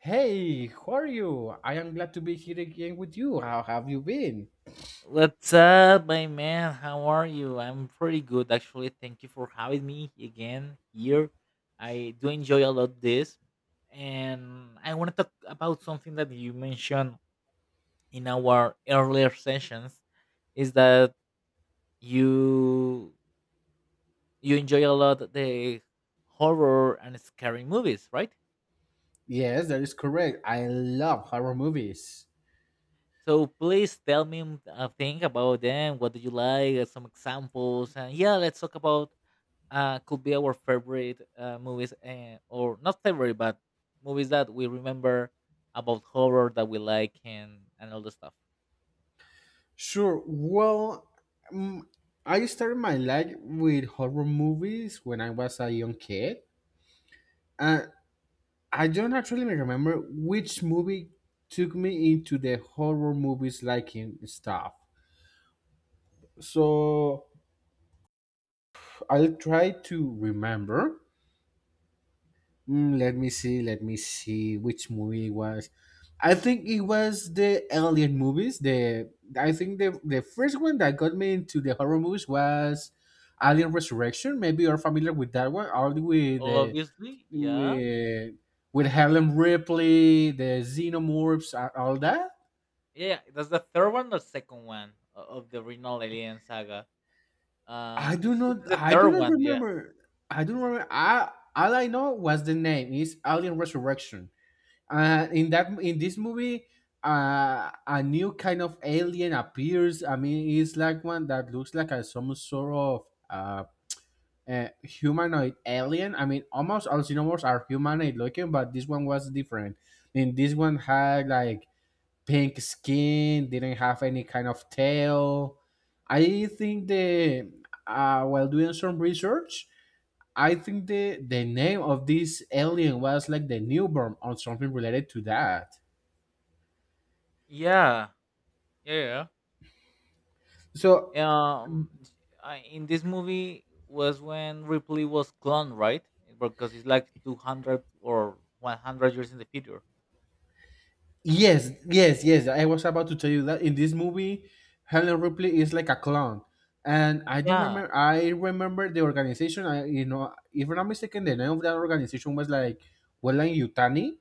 Hey, how are you? I am glad to be here again with you. How have you been? What's up, my man? How are you? I'm pretty good, actually. Thank you for having me again here. I do enjoy a lot this, and I want to talk about something that you mentioned in our earlier sessions. Is that you you enjoy a lot the horror and scary movies, right? Yes, that is correct. I love horror movies. So please tell me a thing about them. What do you like? Some examples, and yeah, let's talk about could be our favorite movies, or not favorite, but movies that we remember about horror that we like and all the stuff. Sure. Well, mm, I started my life with horror movies when I was a young kid. And I don't actually remember which movie took me into the horror movies liking stuff. So I'll try to remember. Let me see. Let me see which movie it was. I think it was the Alien movies. The I think the first one that got me into the horror movies was Alien Resurrection. Maybe you're familiar with that one. All the way the Obviously, yeah. with with Helen Ripley, the xenomorphs, all that. Yeah, that's the third one or second one of the original Alien Saga. I I do think not. it's the I third do not one, yeah. remember. I don't remember. I all I know was the name is Alien Resurrection. In this movie, a new kind of alien appears. I mean, it's like one that looks like a some sort of uh, humanoid alien. I mean, almost all xenomorphs are humanoid looking, but this one was different. I mean, this one had like pink skin, didn't have any kind of tail. I think the while doing some research, I think the name of this alien was like the newborn or something related to that. Yeah, yeah. So yeah. Um, s- I, in this movie was when Ripley was cloned, right? Because it's like 200 or 100 years in the future. yes, yes, yes. I was about to tell you that in this movie, Helen Ripley is like a clown, and I don't Yeah, remember. I remember the organization. I you know, if I'm not mistaken, the name of that organization was like Wellen Yutani.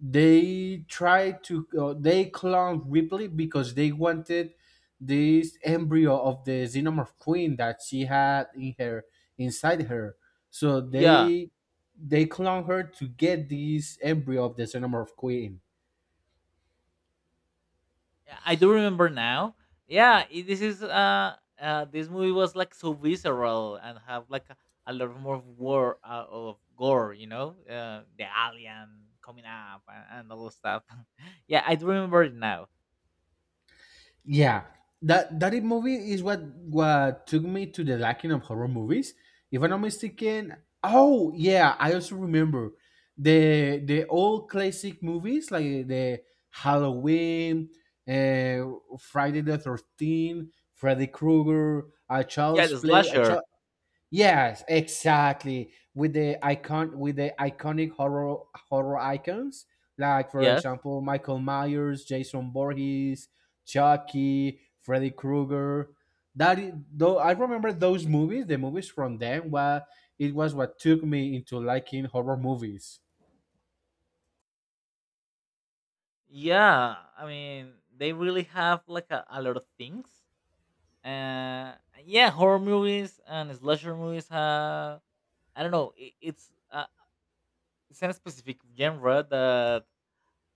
They tried to, they cloned Ripley because they wanted this embryo of the xenomorph queen that she had in her inside her. So yeah. they cloned her to get this embryo of the xenomorph queen. Yeah, I do remember now. Yeah, this is this movie was like so visceral and have like a lot more of war of gore, you know, the alien coming up and all those stuff. Yeah, I do remember it now. Yeah, that that it movie is what took me to the liking of horror movies. If I'm not mistaken, oh yeah, I also remember the old classic movies like the Halloween, uh, Friday the 13th, Freddy Krueger, A Yeah, Child's the Play. Slasher. Yes, exactly. With the icon, with the iconic horror icons, like for Yes. example, Michael Myers, Jason Voorhees, Chucky, Freddy Krueger. I remember those movies. The movies from them, well, it was what took me into liking horror movies. Yeah, I mean they really have like a lot of things. Uh, yeah, horror movies and slasher movies have I don't know. It's in a specific genre that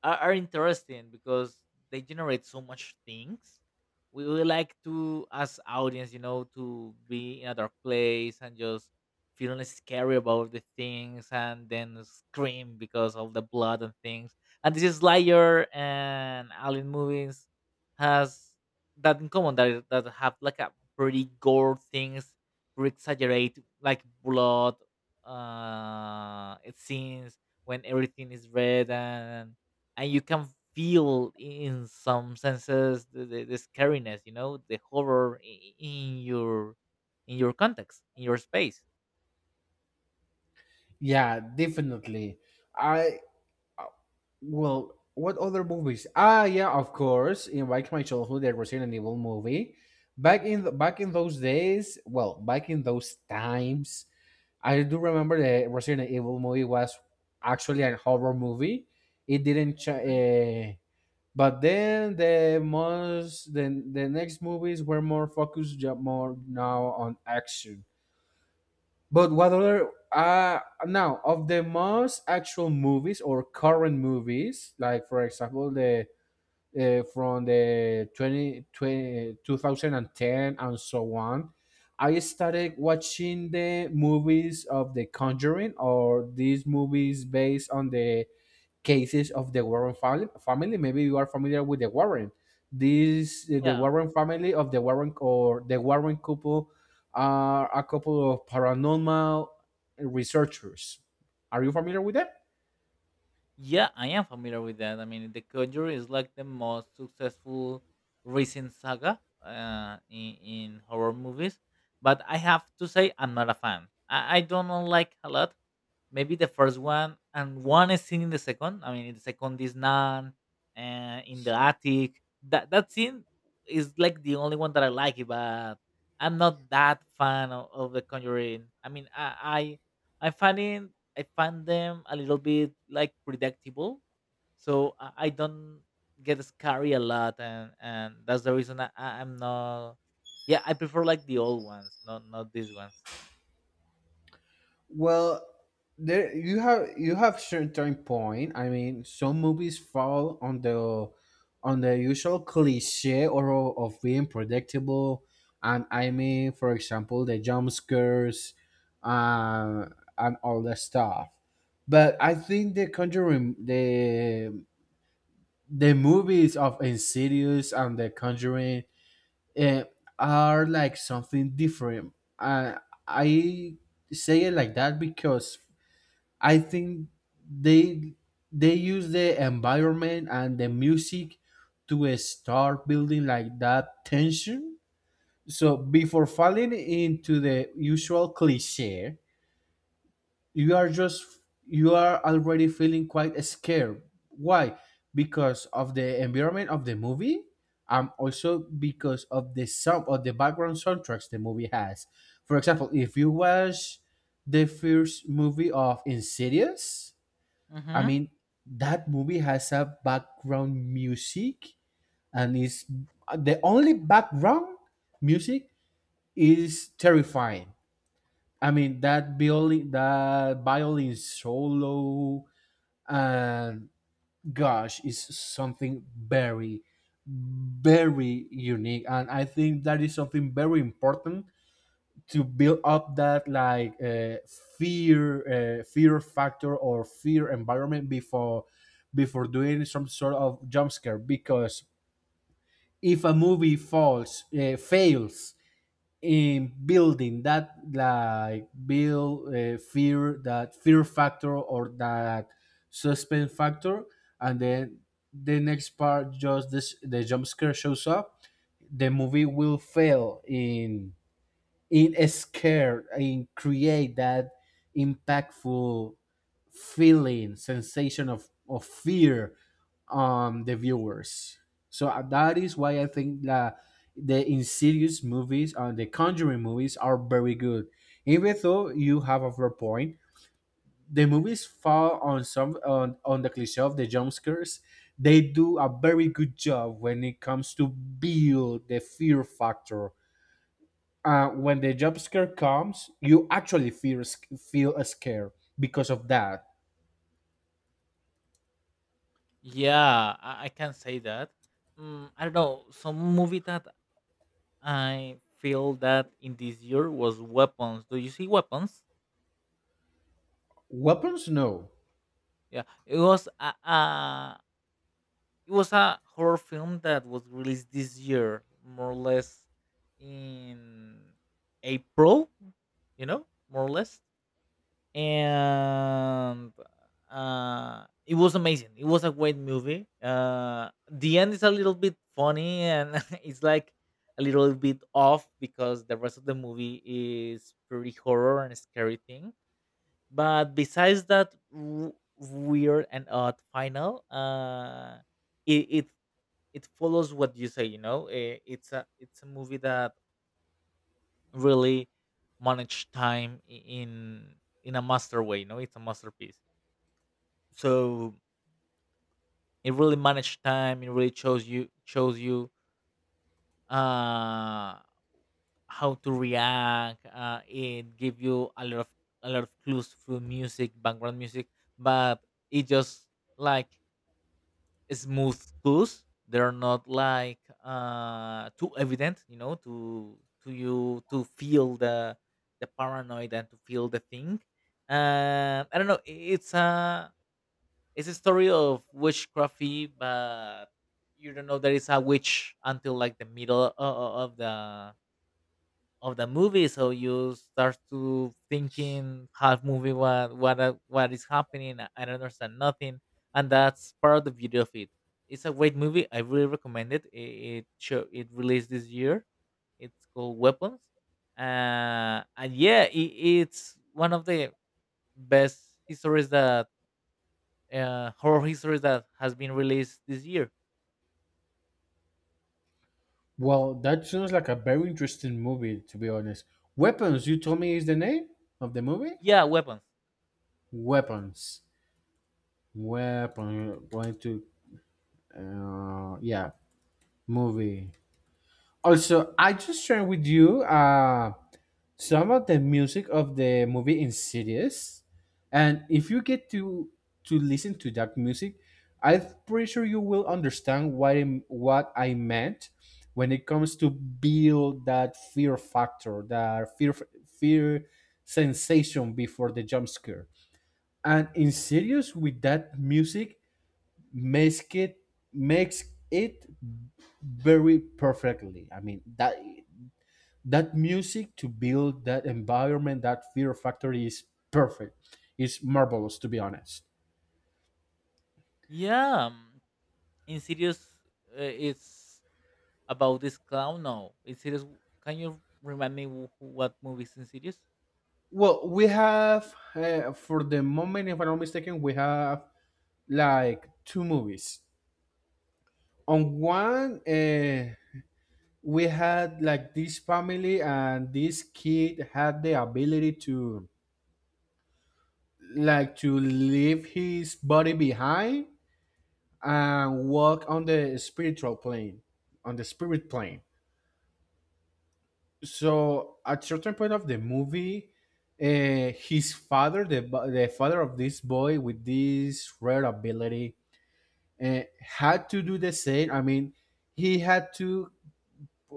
are interesting because they generate so much things. We like to, as audience, you know, to be in other place and just feeling scary about the things and then scream because of the blood and things. And this is Slayer and Alien movies has that in common that that have like a pretty gore things, pretty exaggerate like blood it scenes when everything is red and you can feel in some senses the scariness, you know, the horror in your context in your space. Yeah, definitely. I Well, what other movies? Ah, yeah, of course. In Back in my childhood, there was Resident Evil movie. Back in those days, well, back in those times, I do remember the Resident Evil movie was actually a horror movie. It didn't, ch- but then the next movies were more focused, more now on action. But what other now of the most actual movies or current movies, like for example the from the 20, twenty, 2010 and so on, I started watching the movies of The Conjuring or these movies based on the cases of the Warren family. Family, maybe you are familiar with the Warren. This the Yeah. Warren family of the Warren or the Warren couple are a couple of paranormal researchers. Are you familiar with them? Yeah, I am familiar with that. I mean, the conjuring is like the most successful recent saga in horror movies, but I have to say I'm not a fan. I don't like a lot. Maybe the first one and one scene in the second. I mean, in the second, this nun in the attic. That scene is like the only one that I like. But I'm not that fan of the Conjuring. I mean, I find it, I find them a little bit like predictable. So I don't get scary a lot, and that's the reason I'm not. Yeah, I prefer like the old ones, not these ones. Well, there you have certain point. I mean, some movies fall on the usual cliche of being predictable, and I mean, for example, the jump scares, uh, and all that stuff. But I think the Conjuring, the movies of Insidious and the Conjuring, eh, are like something different. I say it like that because I think they they use the environment and the music to start building like that tension. So before falling into the usual cliche, you are just you are already feeling quite scared. Why? Because of the environment of the movie. Also because of the sound of the background soundtracks the movie has. For example, if you watch the first movie of Insidious, I Mm-hmm. mean, that movie has a background music and is the only background music is terrifying. I mean, that violin solo, and gosh, is something very, very unique. And I think that is something very important to build up that like fear factor or fear environment before doing some sort of jump scare, because if a movie falls fails in building that like build fear that fear factor or that suspense factor, and then the next part just this the jump scare shows up, the movie will fail in scare and create that impactful feeling sensation of fear on the viewers. So that is why I think that the Insidious movies and the Conjuring movies are very good. Even though you have a fair point, the movies fall on some on the cliche of the jump scares, they do a very good job when it comes to build the fear factor. When the jump scare comes, you actually feel a scare because of that. Yeah, I can say that. Mm, I don't know. Some movie that I feel that in this year was Weapons. Do you see Weapons? Weapons, no. Yeah, it was a it was a horror film that was released this year, more or less in April. You know, more or less. And it was amazing. It was a great movie. The end is a little bit funny, and it's like a little bit off because the rest of the movie is pretty horror and scary thing. But besides that weird and odd final, it it follows what you say. You know, eh, it's a movie that really managed time in a master way. You know, it's a masterpiece, so it really managed time. It really shows you uh how to react. It give you a lot of clues through music background music, but it just like smooth clues. They're not like too evident, you know, to you to feel the paranoid and to feel the thing. I don't know. It's a story of witchcrafty, but you don't know there is a witch until like the middle of the movie. So you start to thinking half movie what what is happening. I don't understand nothing, and that's part of the beauty of it. It's a great movie. I really recommend it. It released this year. It's called Weapons, and yeah, it's one of the best histories that horror history that has been released this year. Well, that sounds like a very interesting movie, to be honest. Weapons, you told me is the name of the movie. Yeah, weapons. Weapons, weapon, going to, yeah, movie. Also, I just shared with you some of the music of the movie Insidious, and if you get to listen to that music, I'm pretty sure you will understand what I meant when it comes to build that fear factor, that fear sensation before the jump scare. And Insidious with that music makes it makes it very perfectly. I mean that music to build that environment, that fear factor is perfect. It's marvelous, to be honest. Yeah, Insidious. It's about this clown. No, Insidious. Can you remind me what movie is Insidious? Well, we have, for the moment, if I'm not mistaken, we have like two movies. On one, we had like this family, and this kid had the ability to to leave his body behind and walk on the spiritual plane, on the spirit plane. So at certain point of the movie, his father the, bu- the father of this boy with this rare ability had to do the same. I mean, he had to,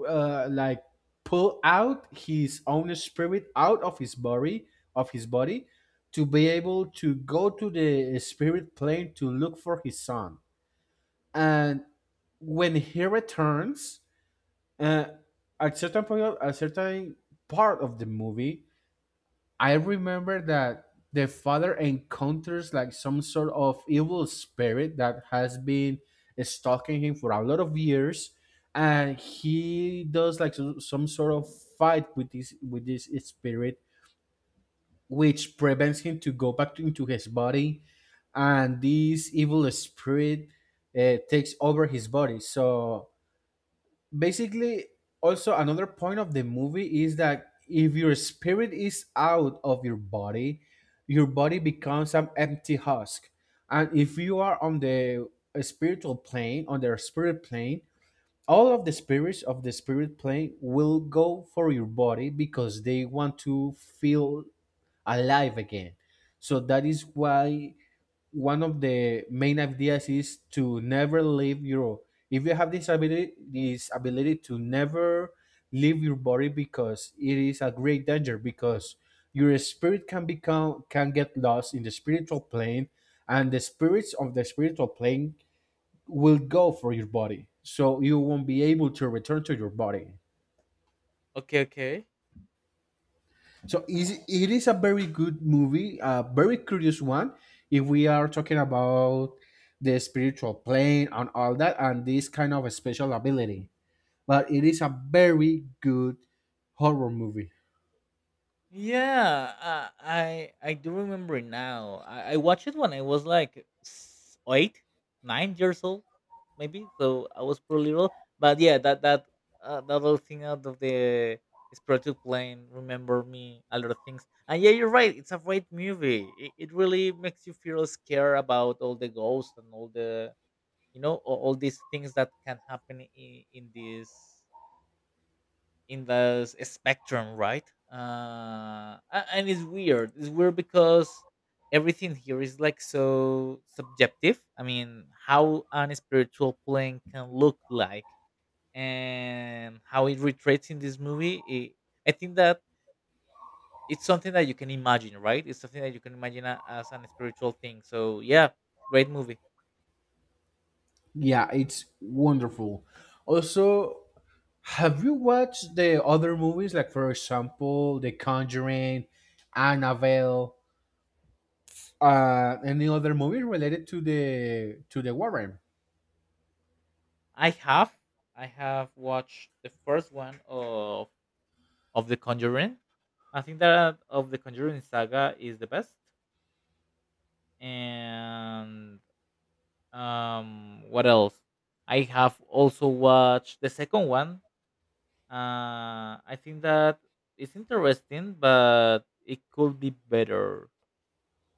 uh, like pull out his own spirit out of his body, of his body to be able to go to the spirit plane to look for his son. And when he returns, uh, at certain point at certain part of the movie, I remember that the father encounters like some sort of evil spirit that has been stalking him for a lot of years, and he does like some sort of fight with this spirit, which prevents him to go back into his body, and this evil spirit, takes over his body. So basically, also another point of the movie is that if your spirit is out of your body, your body becomes an empty husk. And if you are on the spiritual plane, on the spirit plane, all of the spirits of the spirit plane will go for your body because they want to feel alive again. So that is why one of the main ideas is to never leave your, if you have this ability, to never leave your body because it is a great danger, because your spirit can become, can get lost in the spiritual plane, and the spirits of the spiritual plane will go for your body, so you won't be able to return to your body. Okay, okay. So is it is a very good movie, a very curious one. If we are talking about the spiritual plane and all that, and this kind of a special ability, but it is a very good horror movie. Yeah, I do remember it now. I watched it when I was like eight, 9 years old, maybe. So I was pretty little. But yeah, that that little thing out of the spiritual plane remember me a lot of things. And yeah, you're right. It's a great movie. It really makes you feel scared about all the ghosts and all the you know all these things that can happen in this spectrum, right? And it's weird. It's weird because everything here is like so subjective. I mean, how an spiritual plane can look like and how it retrates in this movie. I think that it's something that you can imagine, right? It's something that you can imagine as an spiritual thing. So yeah, great movie. Yeah, it's wonderful. Also, have you watched the other movies, like for example, The Conjuring, Annabelle, any other movie related to the Warren? I have I have watched the first one of The Conjuring. I think that of the Conjuring saga is the best. And what else? I have also watched the second one. I think that it's interesting, but it could be better.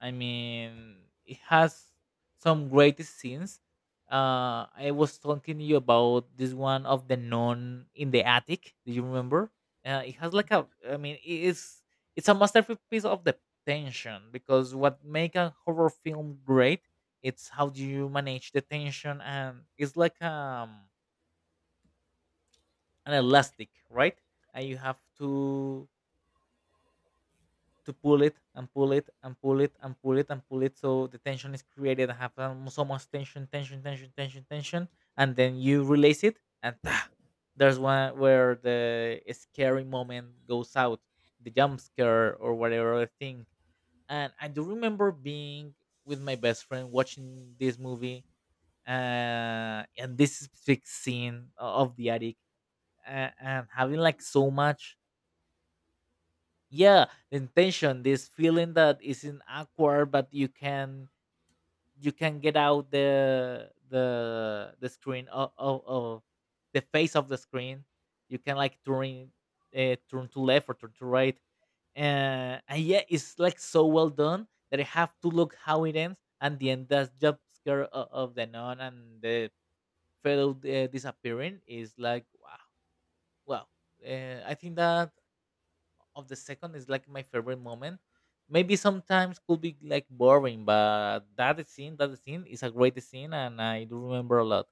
I mean, it has some great scenes. I was talking to you about this one of the nun in the attic. Do you remember? It has like a. I mean, it is. It's a masterpiece of the tension because what make a horror film great, it's how do you manage the tension, and it's like an elastic, right? And you have to pull it and pull it and pull it and pull it and pull it so the tension is created and have so much tension tension tension tension tension and then you release it and ta, there's one where the scary moment goes out, the jump scare or whatever other thing. And I do remember being with my best friend watching this movie and this specific scene of the attic, and having like so much yeah the intention, this feeling that isn't awkward, but you can get out the the screen of the face of the screen. You can like turn turn to left or turn to right, and yeah it's like so well done that I have to look how it ends and the end that jump scare of the nun and the fellow disappearing is like wow. Wow. I think that of the second is like my favorite moment. Maybe sometimes could be like boring, but that scene is a great scene, and I do remember a lot.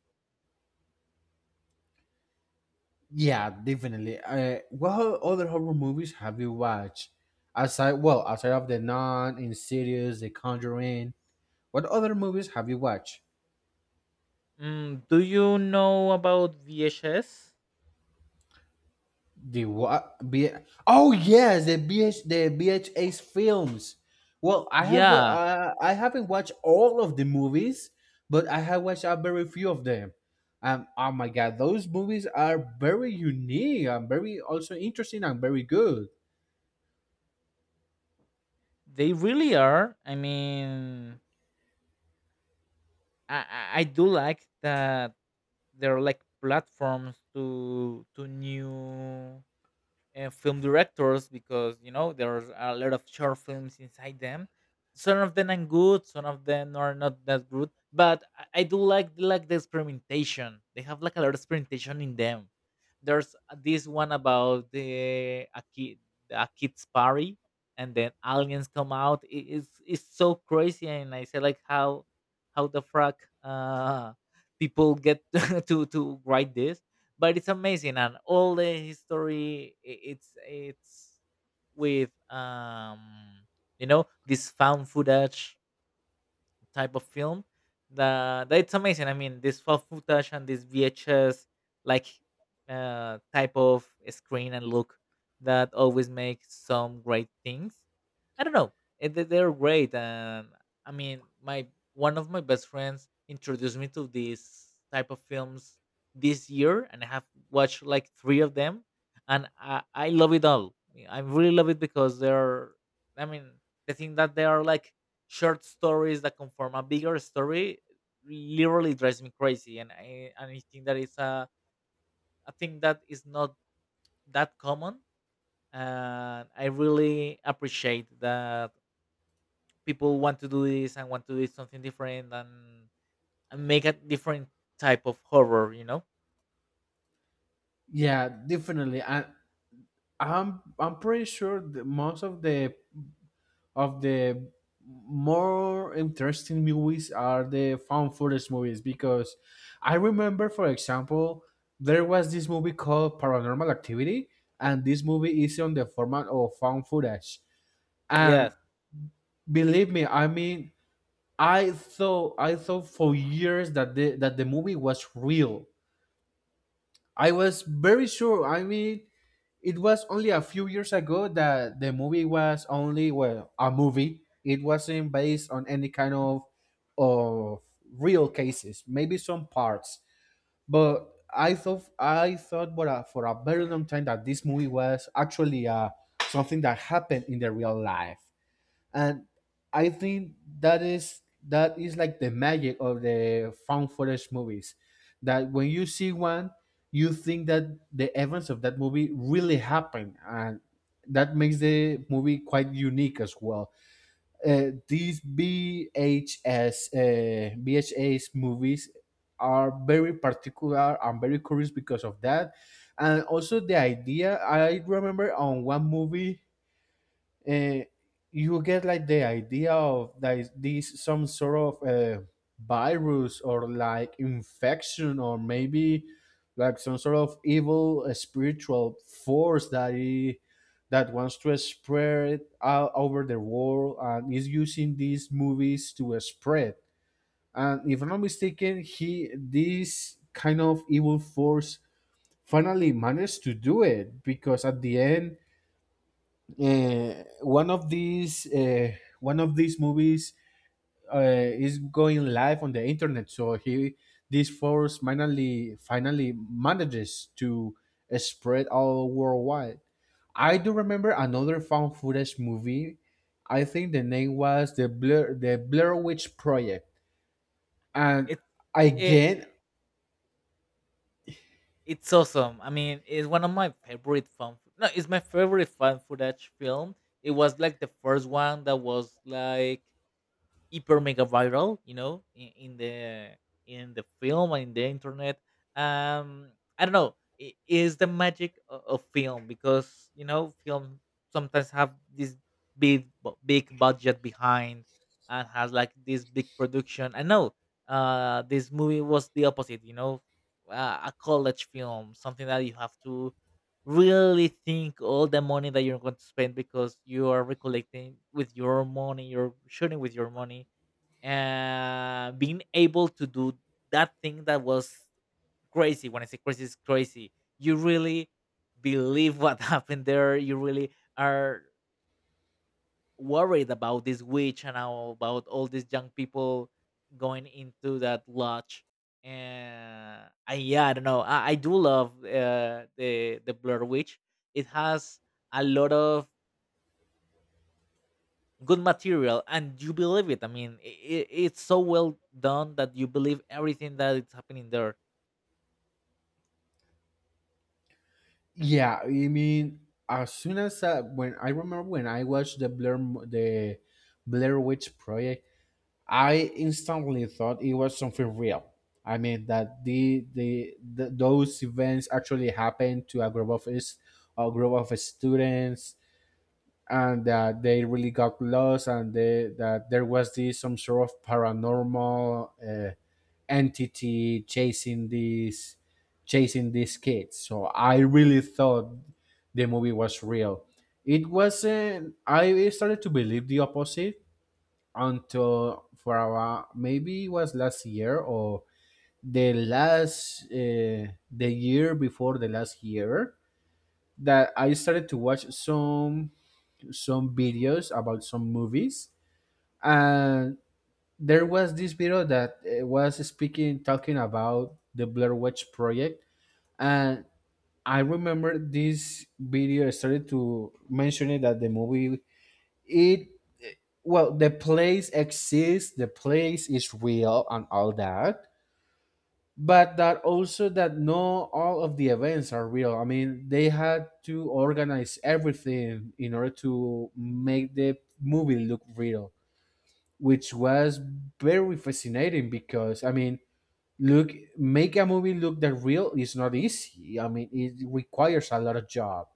Yeah, definitely. Other horror movies have you watched? Aside, well, aside of The Nun, Insidious, The Conjuring, what other movies have you watched? Mm, do you know about VHS? The what? Oh yes, the BHS films. Well, Yeah, I haven't watched all of the movies, but I have watched a very few of them. Oh my god, those movies are very unique and very also interesting and very good. they really are. I mean, I do like that they are like platforms to new film directors because you know there's a lot of short films inside them. Some of them are good, some of them are not that good. But I do like the experimentation. They have like a lot of experimentation in them. There's this one about the a kid a kid's party, and then aliens come out. It's so crazy, and I say like how the fuck people get to write this, but it's amazing and all the history it's with you know this found footage type of film that that it's amazing. I mean, this found footage and this vhs like type of screen and look that always makes some great things. I don't know. They're great, and I mean, my one of my best friends introduced me to these type of films this year, and I have watched like three of them, and I love it all. I really love it because they're, I mean, the thing that they are like short stories that conform a bigger story literally drives me crazy, and I think that it's a thing that is not that common, and I really appreciate that people want to do this and want to do something different and make a different type of horror. You know? Yeah, definitely. And I'm pretty sure that most of the more interesting movies are the found footage movies, because I remember, for example, there was this movie called Paranormal Activity, and this movie is on the format of found footage. And Yes, believe me, I mean, I thought for years that the movie was real. I was very sure. I mean, it was only a few years ago that the movie was only well a movie. It wasn't based on any kind of real cases. Maybe some parts, but I thought for a very long time that this movie was actually something that happened in the real life. And I think that is like the magic of the found footage movies. That when you see one, you think that the events of that movie really happened, and that makes the movie quite unique as well. Uh, these VHS uh, VHS movies are very particular and very curious because of that, and also the idea. I remember on one movie, uh, you get like the idea of that this some sort of virus or like infection or maybe like some sort of evil spiritual force that that wants to spread out over the world and is using these movies to spread. And if I'm not mistaken, he this kind of evil force finally managed to do it, because at the end, uh, one of these uh, one of these movies uh, is going live on the internet. So he this force finally manages to spread all worldwide. I do remember another found footage movie. I think the name was the Blair Witch Project. And it's it, again. it's awesome. I mean, it's one of my favorite fun. No, it's my favorite fan footage film. It was like the first one that was like hyper mega viral, you know, in the film and in the internet. Um, I don't know, it is the magic of film because you know film sometimes have this big budget behind and has like this big production, I know. This movie was the opposite, you know. A college film, something that you have to really think all the money that you're going to spend because you are recollecting with your money, you're shooting with your money. Being able to do that thing that was crazy. When I say crazy, it's crazy. You really believe what happened there. You really are worried about this witch and how about all these young people going into that lodge. And I, yeah, I don't know. I do love the Blur Witch. It has a lot of good material, and you believe it. I mean, it, it's so well done that you believe everything that is happening there. Yeah, I mean, as soon as when I remember when I watched the Blair Witch Project, I instantly thought it was something real. I mean that the those events actually happened to a group of, is a group of students, and that they really got lost, and they, that there was this some sort of paranormal entity chasing these kids. So I really thought the movie was real. It wasn't. I started to believe the opposite until for a, maybe it was last year or the last, the year before the last year, that I started to watch some videos about some movies. And there was this video that was speaking talking about the Blair Witch Project. And I remember this video started to mention it that the movie, it well, the place exists, the place is real and all that, but that also that no all of the events are real. I mean, they had to organize everything in order to make the movie look real, which was very fascinating because I mean, look, make a movie look that real is not easy. I mean, it requires a lot of job.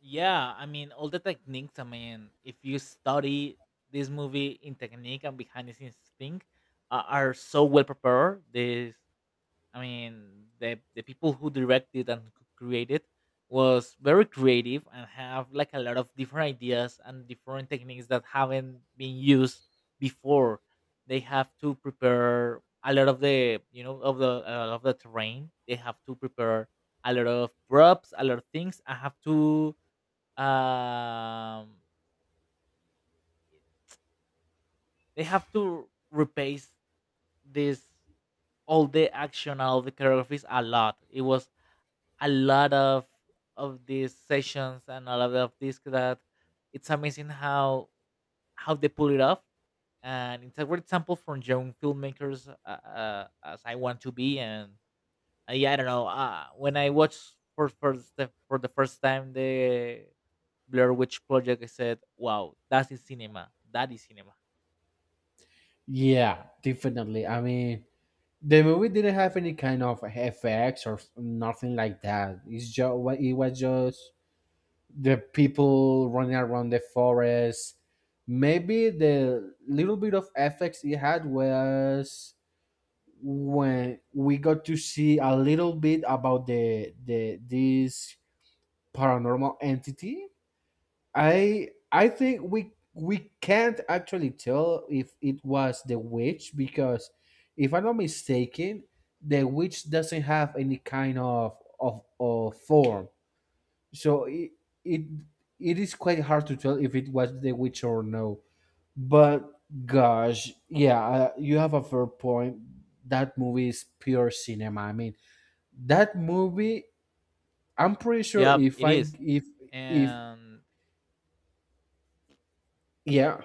Yeah, I mean all the techniques. I mean, if you study this movie in technique and behind the scenes thing, are so well prepared. This I mean, the people who directed and created was very creative and have like a lot of different ideas and different techniques that haven't been used before. They have to prepare a lot of the you know of the terrain. They have to prepare a lot of props, a lot of things. I have to um they have to replace this all the action all the choreographies a lot. It was a lot of these sessions and a lot of this that it's amazing how they pull it off. And it's a great example for young filmmakers as I want to be. And yeah, I don't know. When I watched for first for the first time the blur witch project, I said wow, that is cinema, that is cinema. Yeah, definitely, I mean, the movie didn't have any kind of effects or nothing like that. It's just, it was just the people running around the forest. Maybe the little bit of effects it had was when we got to see a little bit about the this paranormal entity. I think we can't actually tell if it was the witch, because if I'm not mistaken, the witch doesn't have any kind of form. So it it is quite hard to tell if it was the witch or no. But gosh, yeah, you have a fair point. That movie is pure cinema. I mean, that movie. I'm pretty sure Yeah, if it I is. If And yeah